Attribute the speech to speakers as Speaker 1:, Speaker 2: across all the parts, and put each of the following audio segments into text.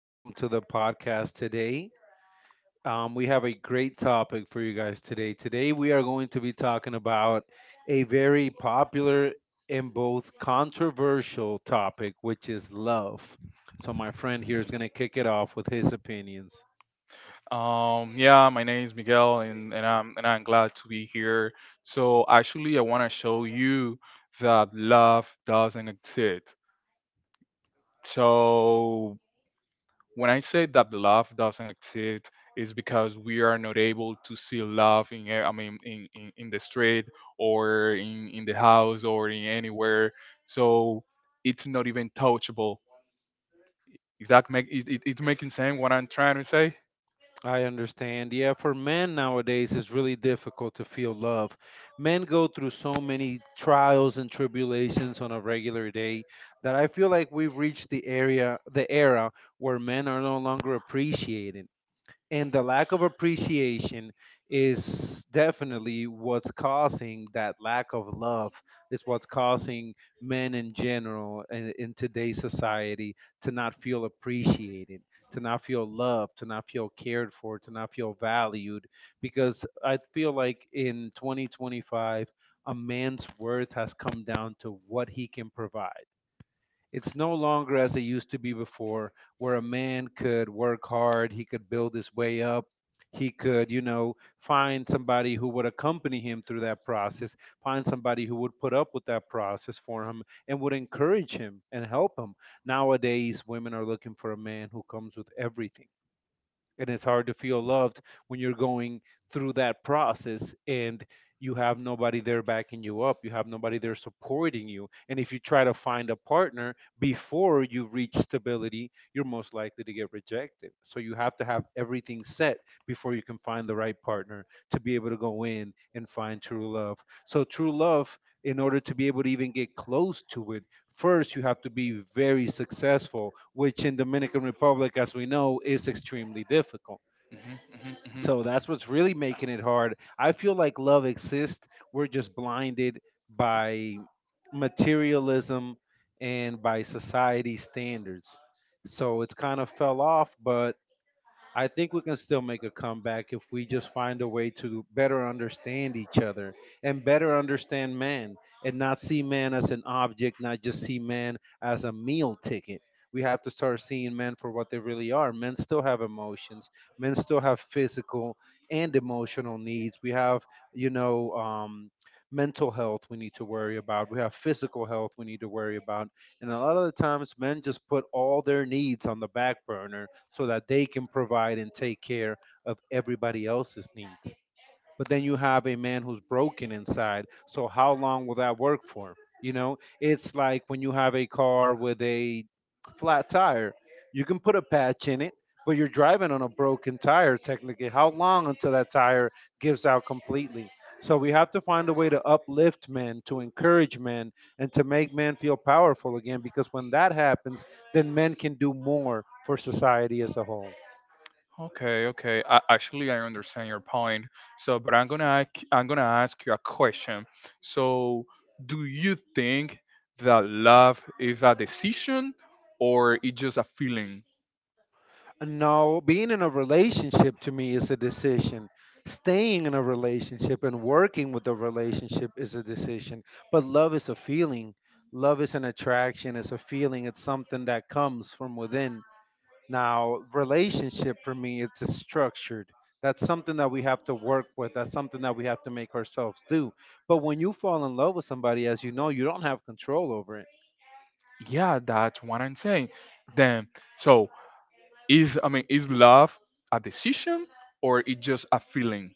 Speaker 1: Welcome to the podcast today. We have a great topic for you guys today. Today, we are going to be talking about a very popular and both controversial topic, which is love. So, my friend here is going to kick it off with his opinions.
Speaker 2: Yeah, my name is Miguel, and I'm glad to be here. So actually, I want to show you that love doesn't exist. So when I say that love doesn't exist, it's because we are not able to see love in, I mean, in the street or in the house or in anywhere. So it's not even touchable. Is that make it making sense what I'm trying to say?
Speaker 1: I understand. Yeah, for men nowadays, it's really difficult to feel love. Men go through so many trials and tribulations on a regular day that I feel like we've reached the era where men are no longer appreciated, and the lack of appreciation is definitely what's causing that lack of love. It's what's causing men in general in today's society to not feel appreciated, to not feel loved, to not feel cared for, to not feel valued, because I feel like in 2025 a man's worth has come down to what he can provide. It's no longer as it used to be before, where a man could work hard, he could build his way up, he could, you know, find somebody who would accompany him through that process, find somebody who would put up with that process for him and would encourage him and help him. Nowadays, women are looking for a man who comes with everything, and it's hard to feel loved when you're going through that process and you have nobody there backing you up, you have nobody there supporting you. And if you try to find a partner before you reach stability, you're most likely to get rejected, so you have to have everything set before you can find the right partner to be able to go in and find true love. So true love, in order to be able to even get close to it, first you have to be very successful, which in Dominican Republic, as we know, is extremely difficult.
Speaker 2: Hmm. Hmm. Hmm.
Speaker 1: So that's what's really making it hard. I feel like love exists, we're just blinded by materialism and by society standards. So it's kind of fell off, but I think we can still make a comeback if we just find a way to better understand each other and better understand man, and not see man as an object, not just see man as a meal ticket. We have to start seeing men for what they really are. Men still have emotions. Men still have physical and emotional needs. We have, you know, um, mental health we need to worry about. We have physical health we need to worry about. And a lot of the times, men just put all their needs on the back burner so that they can provide and take care of everybody else's needs. But then you have a man who's broken inside. So how long will that work for? You know, it's like when you have a car with a flat tire, you can put a patch in it, but you're driving on a broken tire technically. How long until that tire gives out completely? So we have to find a way to uplift men, to encourage men, and to make men feel powerful again, because when that happens, then men can do more for society as a whole.
Speaker 2: Okay, okay. Actually, I understand your point. So, but I'm gonna ask you a question. So, do you think that love is a decision or it's just a feeling?
Speaker 1: No, being in a relationship to me is a decision. Staying in a relationship and working with the relationship is a decision. But love is a feeling. Love is an attraction, it's a feeling, it's something that comes from within. Now, relationship for me, it's a structured. That's something that we have to work with. That's something that we have to make ourselves do. But when you fall in love with somebody, as you know, you don't have control over it.
Speaker 2: Yeah, that's what I'm saying. Then, so is I mean, is love a decision or it's just a feeling?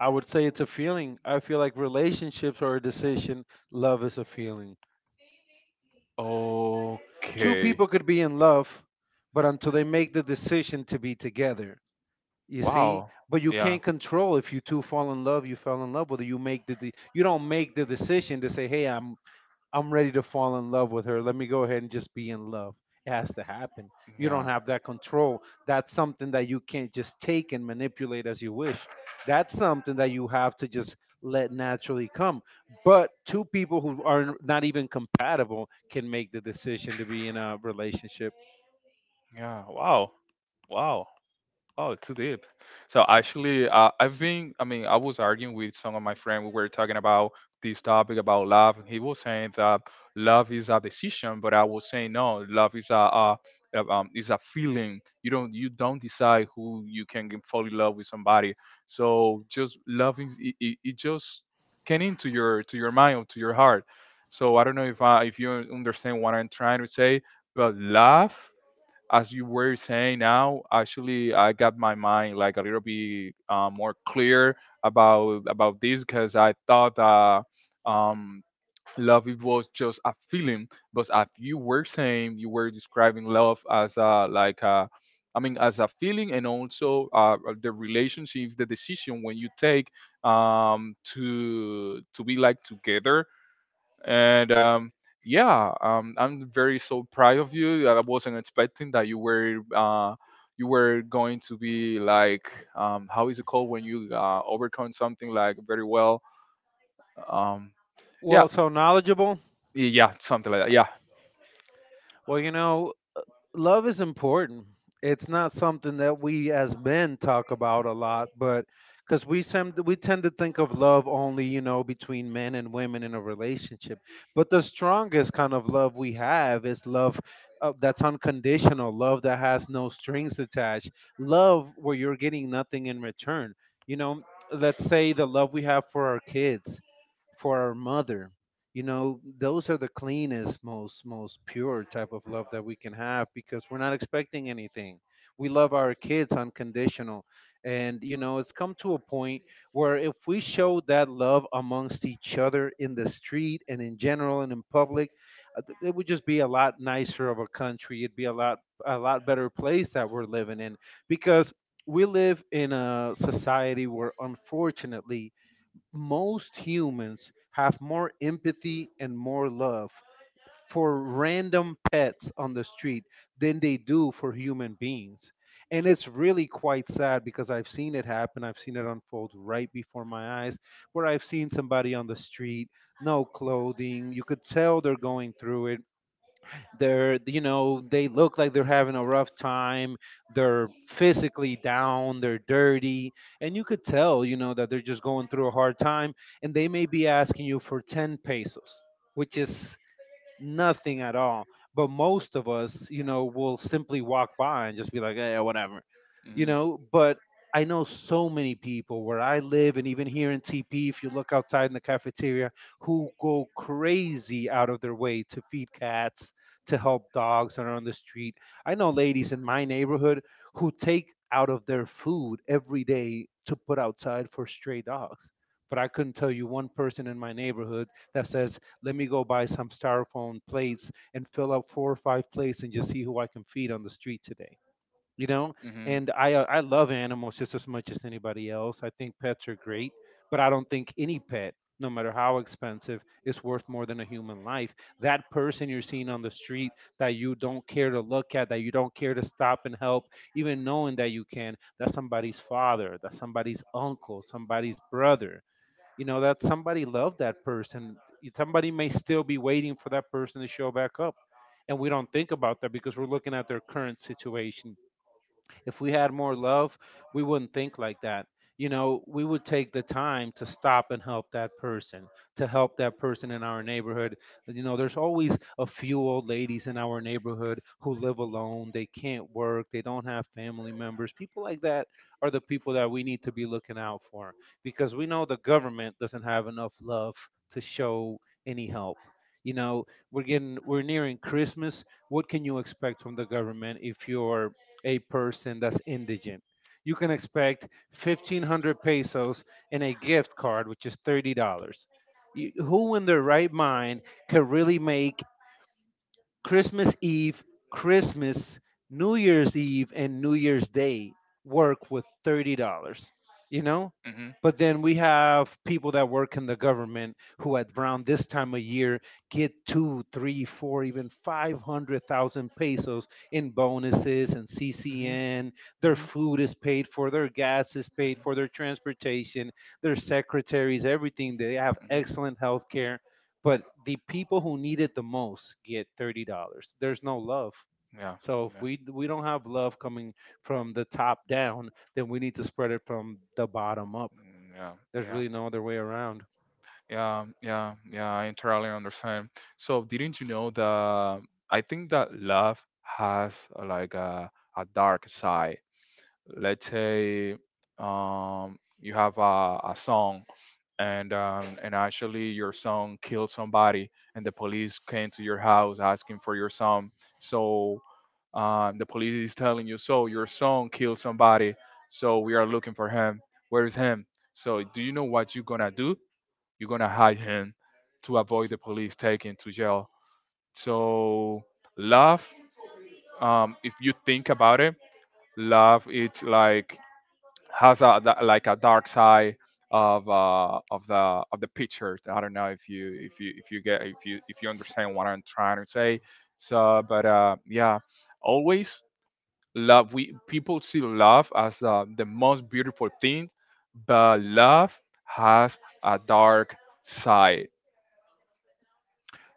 Speaker 1: I would say it's a feeling. I feel like relationships are a decision, love is a feeling. Two
Speaker 2: Okay.
Speaker 1: people could be in love, but until they make the decision to be together, you see.
Speaker 2: Wow.
Speaker 1: But you
Speaker 2: Yeah.
Speaker 1: can't control if you two fall in love. You fell in love, whether you make you don't make the decision to say, "Hey, I'm ready to fall in love with her. Let me go ahead and just be in love. It has to happen. You don't
Speaker 2: Yeah.
Speaker 1: have that control. That's something that you can't just take and manipulate as you wish. That's something that you have to just let naturally come. But two people who are not even compatible can make the decision to be in a relationship.
Speaker 2: Yeah. Wow. Wow. Oh, too deep. So actually, I've been. I mean, I was arguing with some of my friends. We were talking about this topic about love, and he was saying that love is a decision, but I was saying no. Love is is a feeling. You don't decide who you can fall in love with somebody. So just love is it just came into your mind or to your heart. So I don't know if you understand what I'm trying to say, but love as you were saying now, actually, I got my mind like a little bit more clear about this because I thought that um, love it was just a feeling, but as you were saying, you were describing love as a like a, I mean, as a feeling and also the relationships, the decision when you take to be like together and yeah, I'm very so proud of you. I wasn't expecting that you were going to be like how is it called when you overcome something like very well. Um, yeah,
Speaker 1: Well, so knowledgeable.
Speaker 2: y- yeah, something like that. Yeah.
Speaker 1: Well, you know, love is important. It's not something that we as men talk about a lot, but because we tend to think of love only, you know, between men and women in a relationship. But the strongest kind of love we have is love that's unconditional, love that has no strings attached, love where you're getting nothing in return. You know, let's say the love we have for our kids, for our mother. You know, those are the cleanest, most pure type of love that we can have because we're not expecting anything. We love our kids unconditional. And you know, it's come to a point where if we show that love amongst each other in the street and in general and in public, it would just be a lot nicer of a country. It'd be a lot better place that we're living in, because we live in a society where, unfortunately, most humans have more empathy and more love for random pets on the street than they do for human beings. And it's really quite sad because I've seen it happen. I've seen it unfold right before my eyes, where I've seen somebody on the street, no clothing. You could tell they're going through it. They're, you know, they look like they're having a rough time, they're physically down, they're dirty, and you could tell, you know, that they're just going through a hard time, and they may be asking you for 10 pesos, which is nothing at all. But most of us, you know, will simply walk by and just be like, eh, whatever, you
Speaker 2: Mhm.
Speaker 1: know. But I know so many people where I live, and even here in TP, if you look outside in the cafeteria, who go crazy out of their way to feed cats, to help dogs that are on the street. I know ladies in my neighborhood who take out of their food every day to put outside for stray dogs. But I couldn't tell you one person in my neighborhood that says, let me go buy some styrofoam plates and fill up four or five plates and just see who I can feed on the street today. You know,
Speaker 2: Mhm. Mhm.
Speaker 1: and I love animals just as much as anybody else. I think pets are great, but I don't think any pet, no matter how expensive, is worth more than a human life. That person you're seeing on the street that you don't care to look at, that you don't care to stop and help, even knowing that you can, that's somebody's father, that's somebody's uncle, somebody's brother. You know that somebody loved that person, somebody may still be waiting for that person to show back up, and we don't think about that because we're looking at their current situation. If we had more love, we wouldn't think like that. You know, we would take the time to stop and help that person, to help that person in our neighborhood. You know, there's always a few old ladies in our neighborhood who live alone. They can't work. They don't have family members. People like that are the people that we need to be looking out for, because we know the government doesn't have enough love to show any help. You know, we're nearing Christmas. What can you expect from the government if you're a person that's indigent? You can expect 1500 pesos and a gift card, which is $30. You, who in their right mind can really make Christmas Eve, Christmas, New Year's Eve, and New Year's Day work with $30, you know? But then we have people that work in the government who at around this time of year get two, three, four, even 500,000 pesos in bonuses and CCN. Their food is paid for, their gas is paid for, their transportation, their secretaries,
Speaker 2: Mhm. Mhm.
Speaker 1: everything. They have excellent health care, but the people who need it the most get $30. There's no love.
Speaker 2: Yeah.
Speaker 1: So if we don't have love coming from the top down, then we need to spread it from the bottom up. There's
Speaker 2: Yeah.
Speaker 1: really no other way around.
Speaker 2: Yeah, yeah, yeah, I entirely understand. So, didn't you know that I think that love has like a dark side? Let's say you have a song and and actually your son killed somebody and the police came to your house asking for your son. So the police is telling you, so your son killed somebody, so we are looking for him. Where is him? So do you know what you're gonna do? You're gonna hide him to avoid the police taking to jail. So love, if you think about it, love it's like has a like a dark side of the picture. I don't know if you if you get if you understand what I'm trying to say. So but yeah, always love, we people see love as the most beautiful thing, but love has a dark side.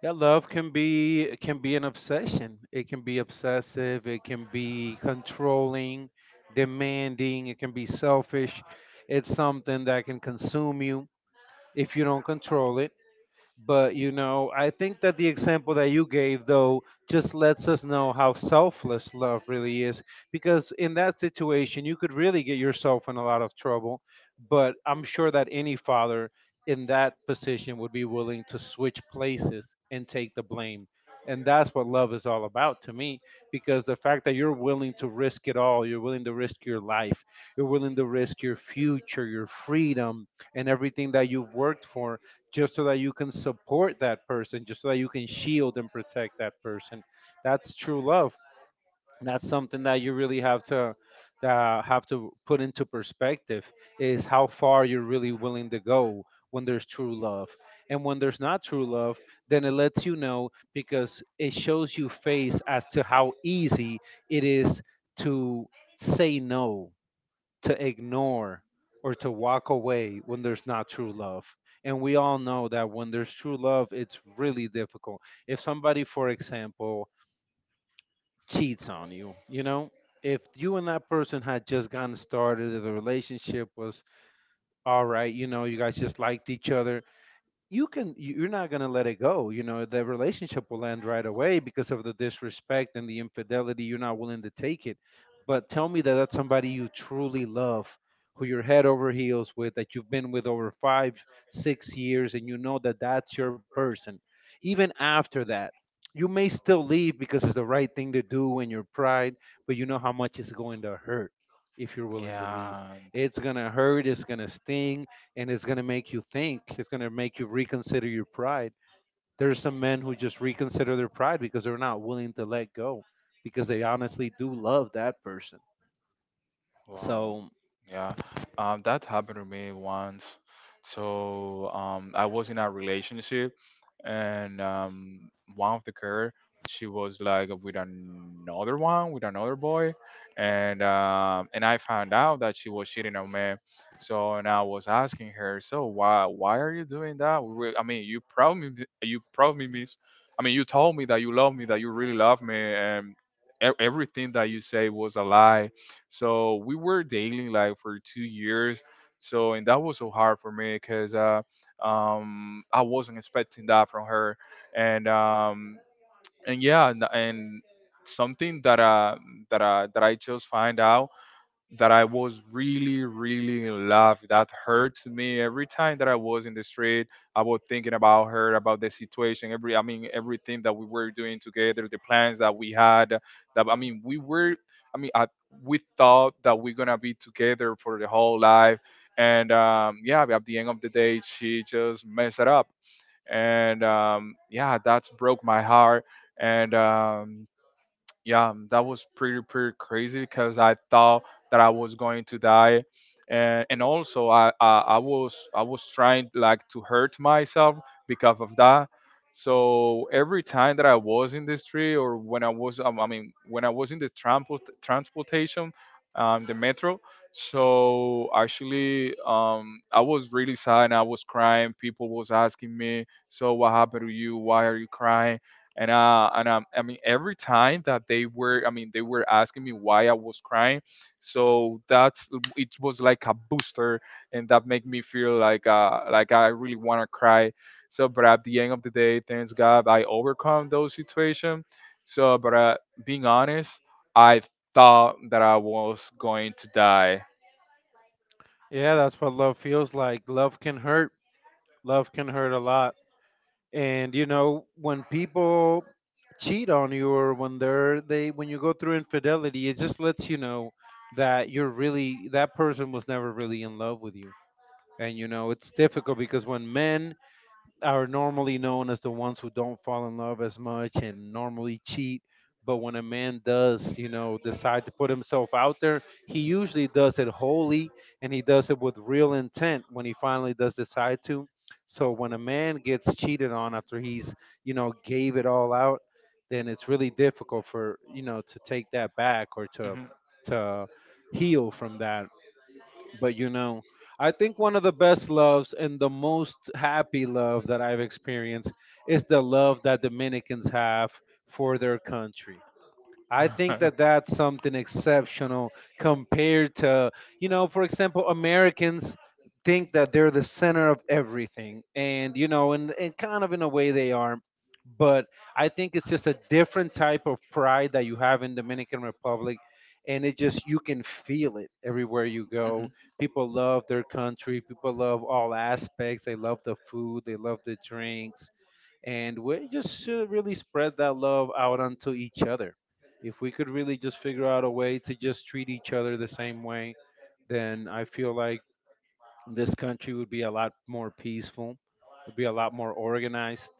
Speaker 1: Yeah, love can be, can be an obsession. It can be obsessive. It can be controlling, demanding. It can be selfish. It's something that can consume you if you don't control it. But you know, I think that the example that you gave though just lets us know how selfless love really is, because in that situation you could really get yourself in a lot of trouble, but I'm sure that any father in that position would be willing to switch places and take the blame. And that's what love is all about to me, because the fact that you're willing to risk it all, you're willing to risk your life, you're willing to risk your future, your freedom, and everything that you've worked for just so that you can support that person, just so that you can shield and protect that person. That's true love. That's something that you really have to, that have to put into perspective, is how far you're really willing to go when there's true love. And when there's not true love, then it lets you know, because it shows you face as to how easy it is to say no, to ignore, or to walk away when there's not true love. And we all know that when there's true love, it's really difficult. If somebody, for example, cheats on you, you know, if you and that person had just gotten started, the relationship was all right, you know, you guys just liked each other, you can you're not going to let it go, you know, the relationship will end right away because of the disrespect and the infidelity. You're not willing to take it. But tell me that that's somebody you truly love, who you're head over heels with, that you've been with over 5, 6 years and you know that that's your person. Even after that, you may still leave because it's the right thing to do and your pride, but you know how much it's going to hurt. If you're willing to leave, it's going to hurt, it's going to sting, and it's going to make you think, it's going to make you reconsider your pride. There are some men who just reconsider their pride because they're not willing to let go, because they honestly do love that person.
Speaker 2: Wow.
Speaker 1: So
Speaker 2: Yeah. That happened to me once. So I was in a relationship, and one of the girl, she was like with another one, with another boy, and and I found out that she was cheating on me. So and I was asking her, so why are you doing that? I mean, you promised me, I mean, you told me that you love me, that you really love me, and everything that you say was a lie. So we were dating like for 2 years. So and that was so hard for me because I wasn't expecting that from her, and yeah, and something that I just find out, that I was really, really in love. That hurt me every time that I was in the street. I was thinking about her, about the situation, every I mean everything that we were doing together, the plans that we had. That I mean we were I mean I, we thought that we're gonna be together for the whole life. And yeah, at the end of the day, she just messed it up. And yeah, that's broke my heart. And yeah, that was pretty pretty crazy because I thought that I was going to die, and also I was trying like to hurt myself because of that. So every time that I was in the street or when I was I mean when I was in the transportation, the metro. So actually, I was really sad and I was crying. People was asking me, "So what happened to you? Why are you crying?" And I mean every time that they were, asking me why I was crying. So that's it was like a booster, and that made me feel like I really want to cry. So but at the end of the day, thanks God, I overcome those situations. So but being honest, I thought that I was going to die.
Speaker 1: yeah, that's what love feels like. Love can hurt. Love can hurt a lot. And you know, when people cheat on you, or when they're they when you go through infidelity, it just lets you know that you're really, that person was never really in love with you. And you know, it's difficult because when men are normally known as the ones who don't fall in love as much and normally cheat. But when a man does, you know, decide to put himself out there, he usually does it wholly and he does it with real intent when he finally does decide to. So when a man gets cheated on after he's, you know, gave it all out, then it's really difficult for, you know, to take that back or to
Speaker 2: Mhm.
Speaker 1: to heal from that. But you know, I think one of the best loves and the most happy love that I've experienced is the love that Dominicans have for their country. I think that that's something exceptional compared to, you know, for example, Americans think that they're the center of everything. And, you know, and kind of in a way they are. But I think it's just a different type of pride that you have in Dominican Republic. And it just, you can feel it everywhere you go. People love their country. People love all aspects. They love the food. They love the drinks. And we just should really spread that love out onto each other. If we could really just figure out a way to just treat each other the same way, then I feel like this country would be a lot more peaceful, it would be a lot more organized,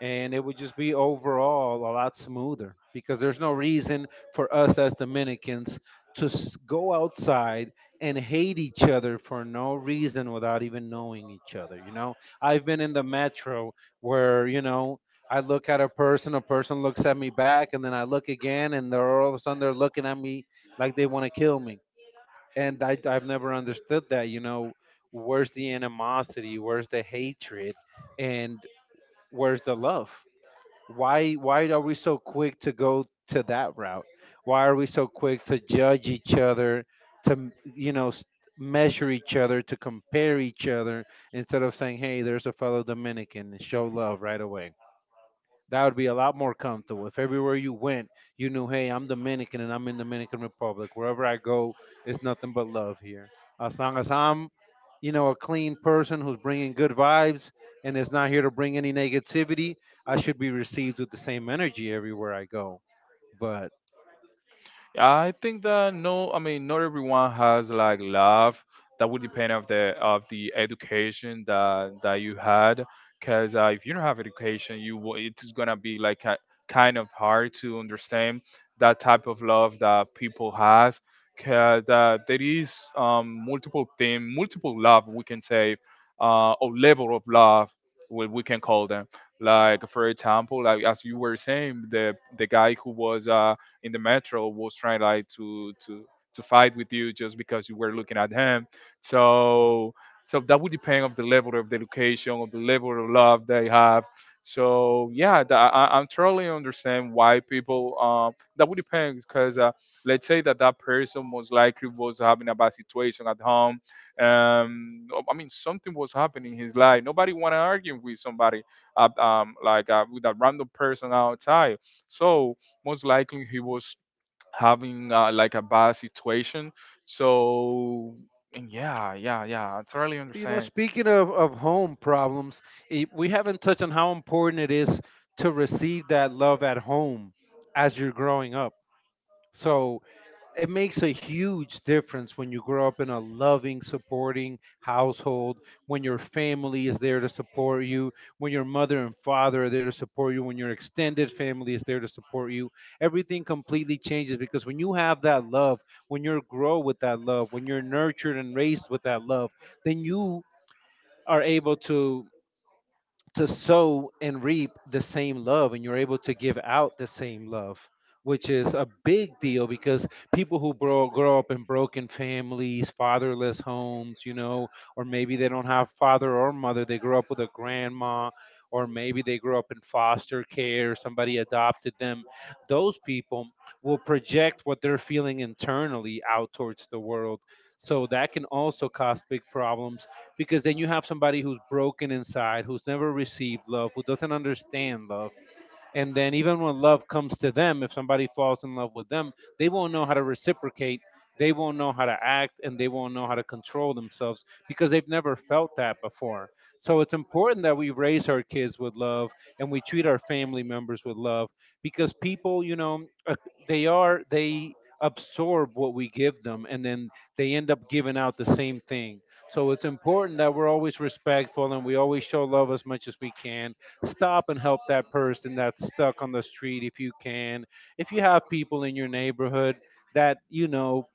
Speaker 1: and it would just be overall a lot smoother, because there's no reason for us as Dominicans to go outside and hate each other for no reason without even knowing each other. You know, I've been in the metro where, you know, I look at a person looks at me back, and then I look again, and they're, all of a sudden they're looking at me like they want to kill me. And I've never understood that, you know. Where's the animosity? Where's the hatred? And where's the love? Why are we so quick to go to that route? Why are we so quick to judge each other, to measure each other, to compare each other, instead of saying, hey, there's a fellow Dominican, and show love right away? That would be a lot more comfortable. If everywhere you went, you knew, hey, I'm Dominican and I'm in Dominican Republic, wherever I go, it's nothing but love here. As long as I'm, you know, a clean person who's bringing good vibes and is not here to bring any negativity, I should be received with the same energy everywhere I go. But
Speaker 2: I think that no, I mean not everyone has like love. That would depend of the education that you had. Because if you don't have education, it's gonna be like ki kind of hard to understand that type of love that people has. Because there is multiple thing, multiple love we can say, or level of love what we can call them. Like for example, like as you were saying, the guy who was in the metro was trying like to fight with you just because you were looking at him. So that would depend of the level of the education, of the level of love they have. So yeah, I'm totally understand why people. That would depend because let's say that that person most likely was having a bad situation at home. I mean, something was happening in his life. Nobody want to argue with somebody, like, with a random person outside. So most likely he was having like a bad situation. So, and yeah, yeah, yeah, I totally
Speaker 1: you know,
Speaker 2: understand.
Speaker 1: speaking of home problems, we haven't touched on how important it is to receive that love at home as you're growing up. So it makes a huge difference when you grow up in a loving, supporting household, when your family is there to support you, when your mother and father are there to support you, when your extended family is there to support you. Everything completely changes because when you have that love, when you grow with that love, when you're nurtured and raised with that love, then you are able to sow and reap the same love, and you're able to give out the same love, which is a big deal. Because people who grow up in broken families, fatherless homes, you know, or maybe they don't have father or mother, they grow up with a grandma, or maybe they grow up in foster care, somebody adopted them, those people will project what they're feeling internally out towards the world. So that can also cause big problems, because then you have somebody who's broken inside, who's never received love, who doesn't understand love, and then even when love comes to them, if somebody falls in love with them, they won't know how to reciprocate. They won't know how to act and they won't know how to control themselves because they've never felt that before. So it's important that we raise our kids with love and we treat our family members with love, because people, they are, they absorb what we give them and then they end up giving out the same thing. So it's important that we're always respectful and we always show love as much as we can. Stop and help that person that's stuck on the street if you can. If you have people in your neighborhood that you know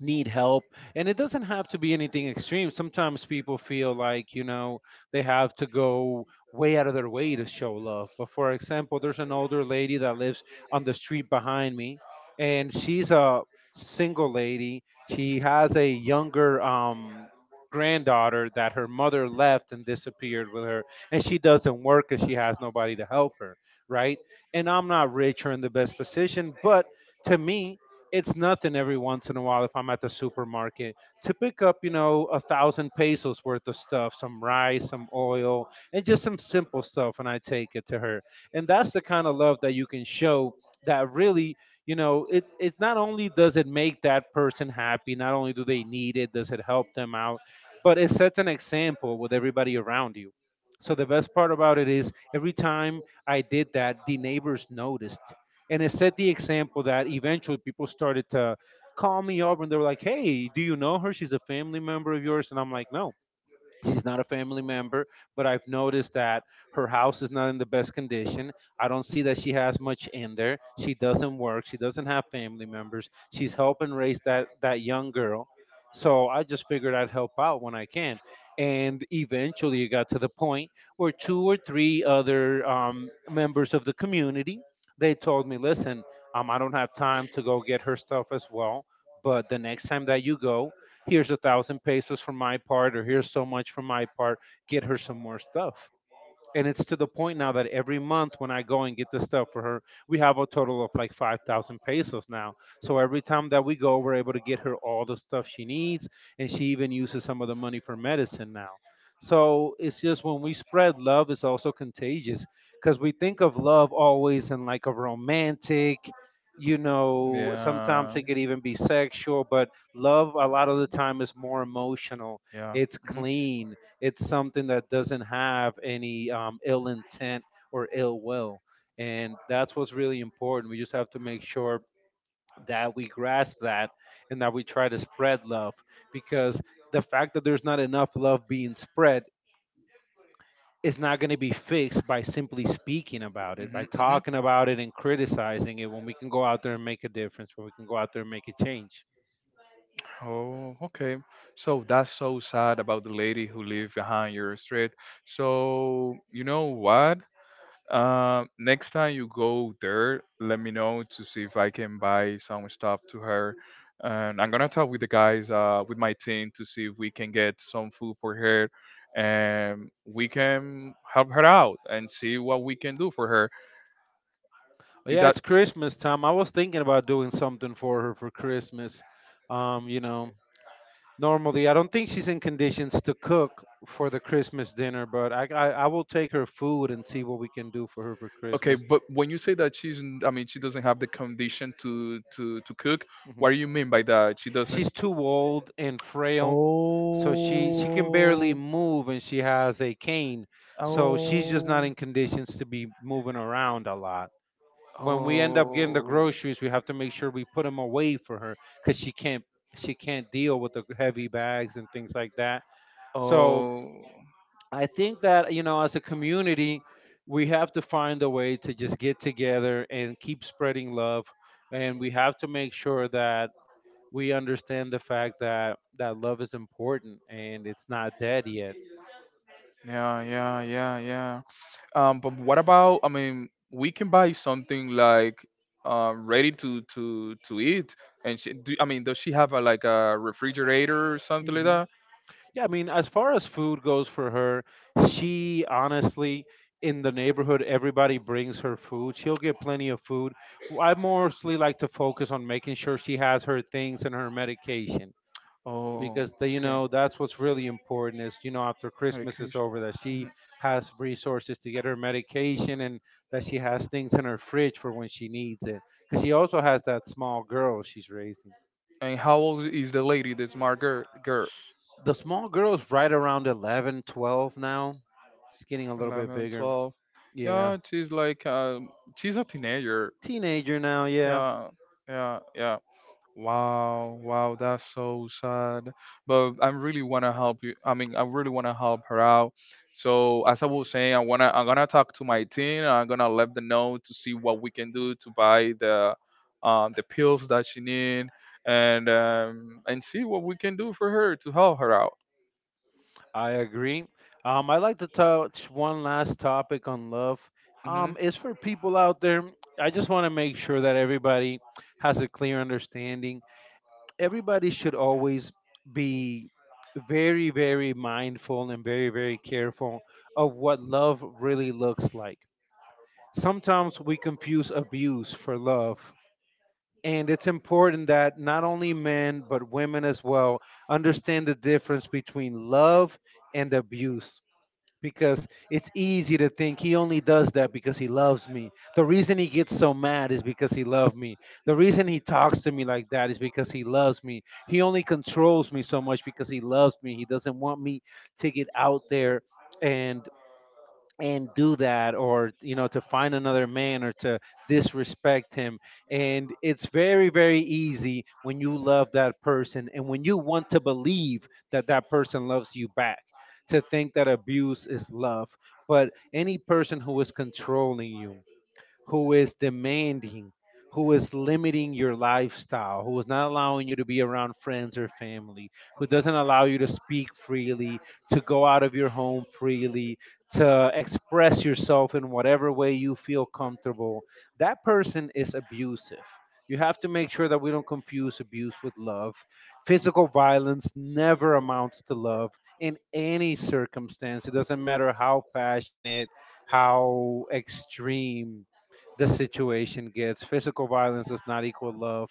Speaker 1: need help, and it doesn't have to be anything extreme. Sometimes people feel like, you know, they have to go way out of their way to show love. But for example, there's an older lady that lives on the street behind me, and she's a single lady. She has a younger granddaughter that her mother left and disappeared with her, and she doesn't work because she has nobody to help her, right? And I'm not rich or in the best position, but to me it's nothing. Every once in a while, if I'm at the supermarket to pick up, you know, 1,000 pesos worth of stuff, some rice, some oil, and just some simple stuff, and I take it to her. And that's the kind of love that you can show that really, you know, it not only does it make that person happy, not only do they need it, does it help them out, but it sets an example with everybody around you. So the best part about it is every time I did that, the neighbors noticed, and it set the example that eventually people started to call me up and they were like, "Hey, do you know her? She's a family member of yours." And I'm like, "No." She's not a family member, but I've noticed that her house is not in the best condition. I don't see that she has much in there. She doesn't work. She doesn't have family members. She's helping raise that young girl. So I just figured I'd help out when I can. And eventually it got to the point where two or three other members of the community, they told me, listen, I don't have time to go get her stuff as well. But the next time that you go, here's 1,000 pesos for my part, or here's so much for my part, get her some more stuff. And it's to the point now that every month when I go and get the stuff for her, we have a total of like 5,000 pesos now. So every time that we go, we're able to get her all the stuff she needs, and she even uses some of the money for medicine now. So it's just, when we spread love, it's also contagious because we think of love always in like a romantic,
Speaker 2: Yeah.
Speaker 1: sometimes it could even be sexual, but love a lot of the time is more emotional,
Speaker 2: Yeah.
Speaker 1: it's
Speaker 2: Hmm.
Speaker 1: clean, it's something that doesn't have any ill intent or ill will. And that's what's really important. We just have to make sure that we grasp that and that we try to spread love, because the fact that there's not enough love being spread is not going to be fixed by simply speaking about it, by
Speaker 2: Hmm. Hmm.
Speaker 1: talking about it and criticizing it when we can go out there and make a difference, when we can go out there and make a change.
Speaker 2: Oh, okay. So that's so sad about the lady who lived behind your street. So you know what? Next time you go there, let me know to see if I can buy some stuff to her. And I'm gonna talk with the guys, with my team to see if we can get some food for her, and we can help her out and see what we can do for her.
Speaker 1: But
Speaker 2: Is
Speaker 1: yeah,
Speaker 2: that
Speaker 1: it's Christmas time. I was thinking about doing something for her for Christmas. Um, you know, Normally, I don't think she's in conditions to cook for the Christmas dinner, but I will take her food and see what we can do for her for
Speaker 2: Okay,
Speaker 1: Christmas.
Speaker 2: but when you say that I mean, she doesn't have the condition to cook. What
Speaker 1: Mhm.
Speaker 2: do you mean by that? She doesn't.
Speaker 1: She's too old and frail, so she can barely
Speaker 2: Oh.
Speaker 1: move and she has a cane, so she's just not
Speaker 2: Oh.
Speaker 1: in conditions to be moving around a lot. When we end up getting the groceries, we have to make sure we put them away for her because she can't deal with the heavy bags and things like that.
Speaker 2: Oh.
Speaker 1: So
Speaker 2: Oh.
Speaker 1: I think that, you know, as a community, we have to find a way to just get together and keep spreading love, and we have to make sure that we understand the fact that that love is important and it's not dead yet.
Speaker 2: Yeah. Yeah. Yeah. Yeah. But what about? I mean, we can buy something like ready to eat. And I mean, does she have a like a refrigerator or something like
Speaker 1: Hmm.
Speaker 2: that?
Speaker 1: Yeah, I mean, as far as food goes for her, she honestly. In the neighborhood, everybody brings her food. She'll get plenty of food. I mostly like to focus on making sure she has her things and her medication.
Speaker 2: Oh,
Speaker 1: Because they, you
Speaker 2: okay.
Speaker 1: know, that's what's really important, is, you know, after Christmas is
Speaker 2: Medication.
Speaker 1: over, that she
Speaker 2: Mhm.
Speaker 1: has resources to get her medication, and that she has things in her fridge for when she needs it, because she also has that small girl she's raising.
Speaker 2: And how old is the lady, the smart girl?
Speaker 1: The small girl's right around 11, 12 now. She's getting a little bit
Speaker 2: 11,
Speaker 1: bigger.
Speaker 2: 12.
Speaker 1: Yeah,
Speaker 2: Yeah, she's a teenager.
Speaker 1: teenager now, yeah.
Speaker 2: Yeah, yeah, yeah. Wow, wow, that's so sad. But I really want to help you. I mean, I really want to help her out. So as I was saying, I'm gonna talk to my team. I'm gonna let them know to see what we can do to buy the pills that she need, and and see what we can do for her to help her out.
Speaker 1: I agree. I'd like to touch one last topic on love.
Speaker 2: Mhm.
Speaker 1: It's for people out there. I just want to make sure that everybody has a clear understanding. Everybody should always be very, very mindful and very, very careful of what love really looks like. Sometimes we confuse abuse for love. And it's important that not only men, but women as well, understand the difference between love and abuse, because it's easy to think, he only does that because he loves me. The reason he gets so mad is because he loves me. The reason he talks to me like that is because he loves me. He only controls me so much because he loves me. He doesn't want me to get out there and do that, or, you know, to find another man, or to disrespect him. And it's very, very easy, when you love that person and when you want to believe that that person loves you back, to think that abuse is love. But any person who is controlling you, who is demanding, who is limiting your lifestyle, who is not allowing you to be around friends or family, who doesn't allow you to speak freely, to go out of your home freely, to express yourself in whatever way you feel comfortable, that person is abusive. You have to make sure that we don't confuse abuse with love. Physical violence never amounts to love in any circumstance. It doesn't matter how passionate, how extreme the situation gets. Physical violence does not equal love,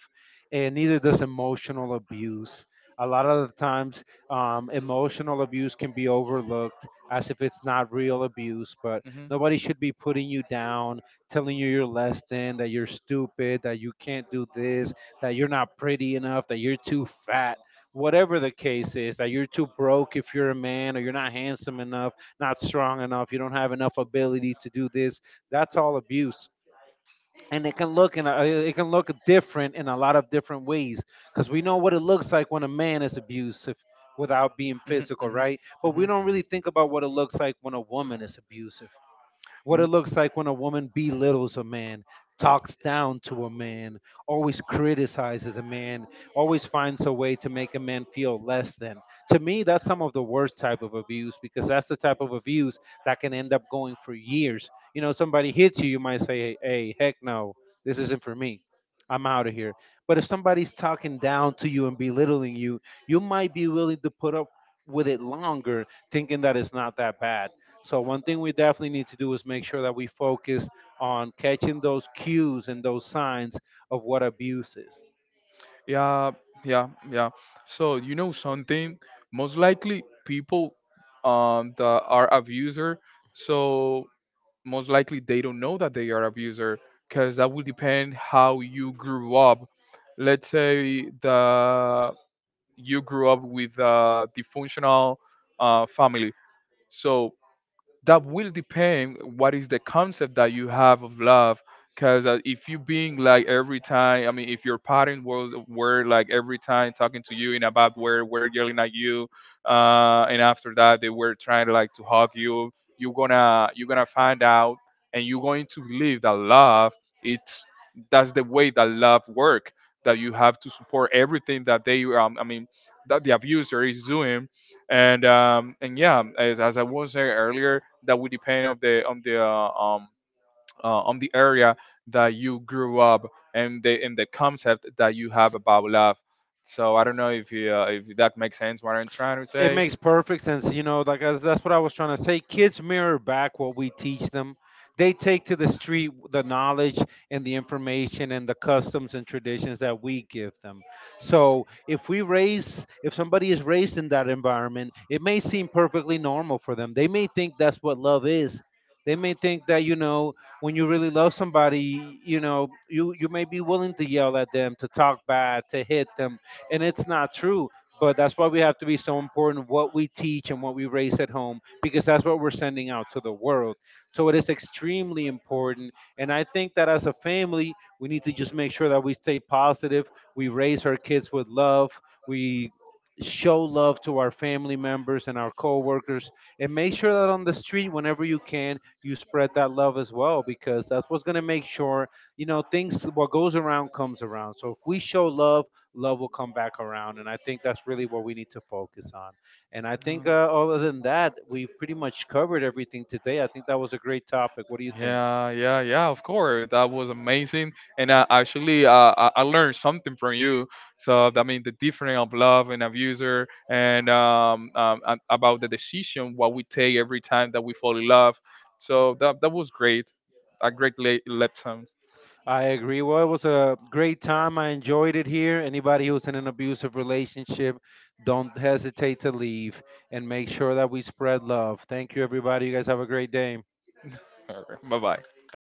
Speaker 1: and neither does emotional abuse. A lot of the times, emotional abuse can be overlooked as if it's not real abuse, but
Speaker 2: Mhm.
Speaker 1: nobody should be putting you down, telling you you're less than, that you're stupid, that you can't do this, that you're not pretty enough, that you're too fat, whatever the case is, that you're too broke if you're a man, or you're not handsome enough, not strong enough, you don't have enough ability to do this. That's all abuse, and it can look in it can look different in a lot of different ways, because we know what it looks like when a man is abusive without being
Speaker 2: Mhm.
Speaker 1: physical, right? But
Speaker 2: Mhm.
Speaker 1: we
Speaker 2: Mhm.
Speaker 1: don't really think about what it looks like when a woman is abusive, what it looks like when a woman belittles a man, talks down to a man, always criticizes a man, always finds a way to make a man feel less than. To me, that's some of the worst type of abuse, because that's the type of abuse that can end up going for years. You know, somebody hits you, you might say, hey, heck no, this isn't for me. I'm out of here. But if somebody's talking down to you and belittling you, you might be willing to put up with it longer, thinking that it's not that bad. So one thing we definitely need to do is make sure that we focus on catching those cues and those signs of what abuse is.
Speaker 2: Yeah, yeah, yeah. So you know something? Most likely people that are abuser, so most likely they don't know that they are abuser because that will depend how you grew up. Let's say that you grew up with a dysfunctional family. So that will depend what is the concept that you have of love, because if you being like every time I mean if your parents was were like every time talking to you in a bad way, were yelling at you, and after that they were trying to like to hug you, you're gonna find out and you're going to believe that love it's that's the way that love work, that you have to support everything that they I mean that the abuser is doing. And yeah, as I was saying earlier, that would depend on the on the area that you grew up, and the concept that you have about love. So I don't know if that makes sense what I'm trying to
Speaker 1: It
Speaker 2: say.
Speaker 1: makes perfect sense. You know, like as, that's what I was trying to say. Kids mirror back what we teach them. They take to the street the knowledge and the information and the customs and traditions that we give them. So if we raise, if somebody is raised in that environment, it may seem perfectly normal for them. They may think that's what love is. They may think that, you know, when you really love somebody, you know, you may be willing to yell at them, to talk bad, to hit them, and it's not true, but that's why we have to be so important what we teach and what we raise at home, because that's what we're sending out to the world. So it is extremely important. And I think that as a family, we need to just make sure that we stay positive, we raise our kids with love, we show love to our family members and our coworkers, and make sure that on the street, whenever you can, you spread that love as well, because that's what's going to make sure, you know, things, what goes around comes around. So if we show love, love will come back around. And I think that's really what we need to focus on. And I think,
Speaker 2: Um,
Speaker 1: other than that, we've pretty much covered everything today. I think that was a great topic. What do you think?
Speaker 2: Yeah, yeah, yeah, of course. That was amazing. And actually, I learned something from you. So, I mean, the difference of love and abuser and about the decision, what we take every time that we fall in love. So, that was great. A great lesson.
Speaker 1: I agree. Well, it was a great time. I enjoyed it here. Anybody who's in an abusive relationship, don't hesitate to leave, and make sure that we spread love. Thank you, everybody. You guys have a great day.
Speaker 2: Bye bye. Thank you.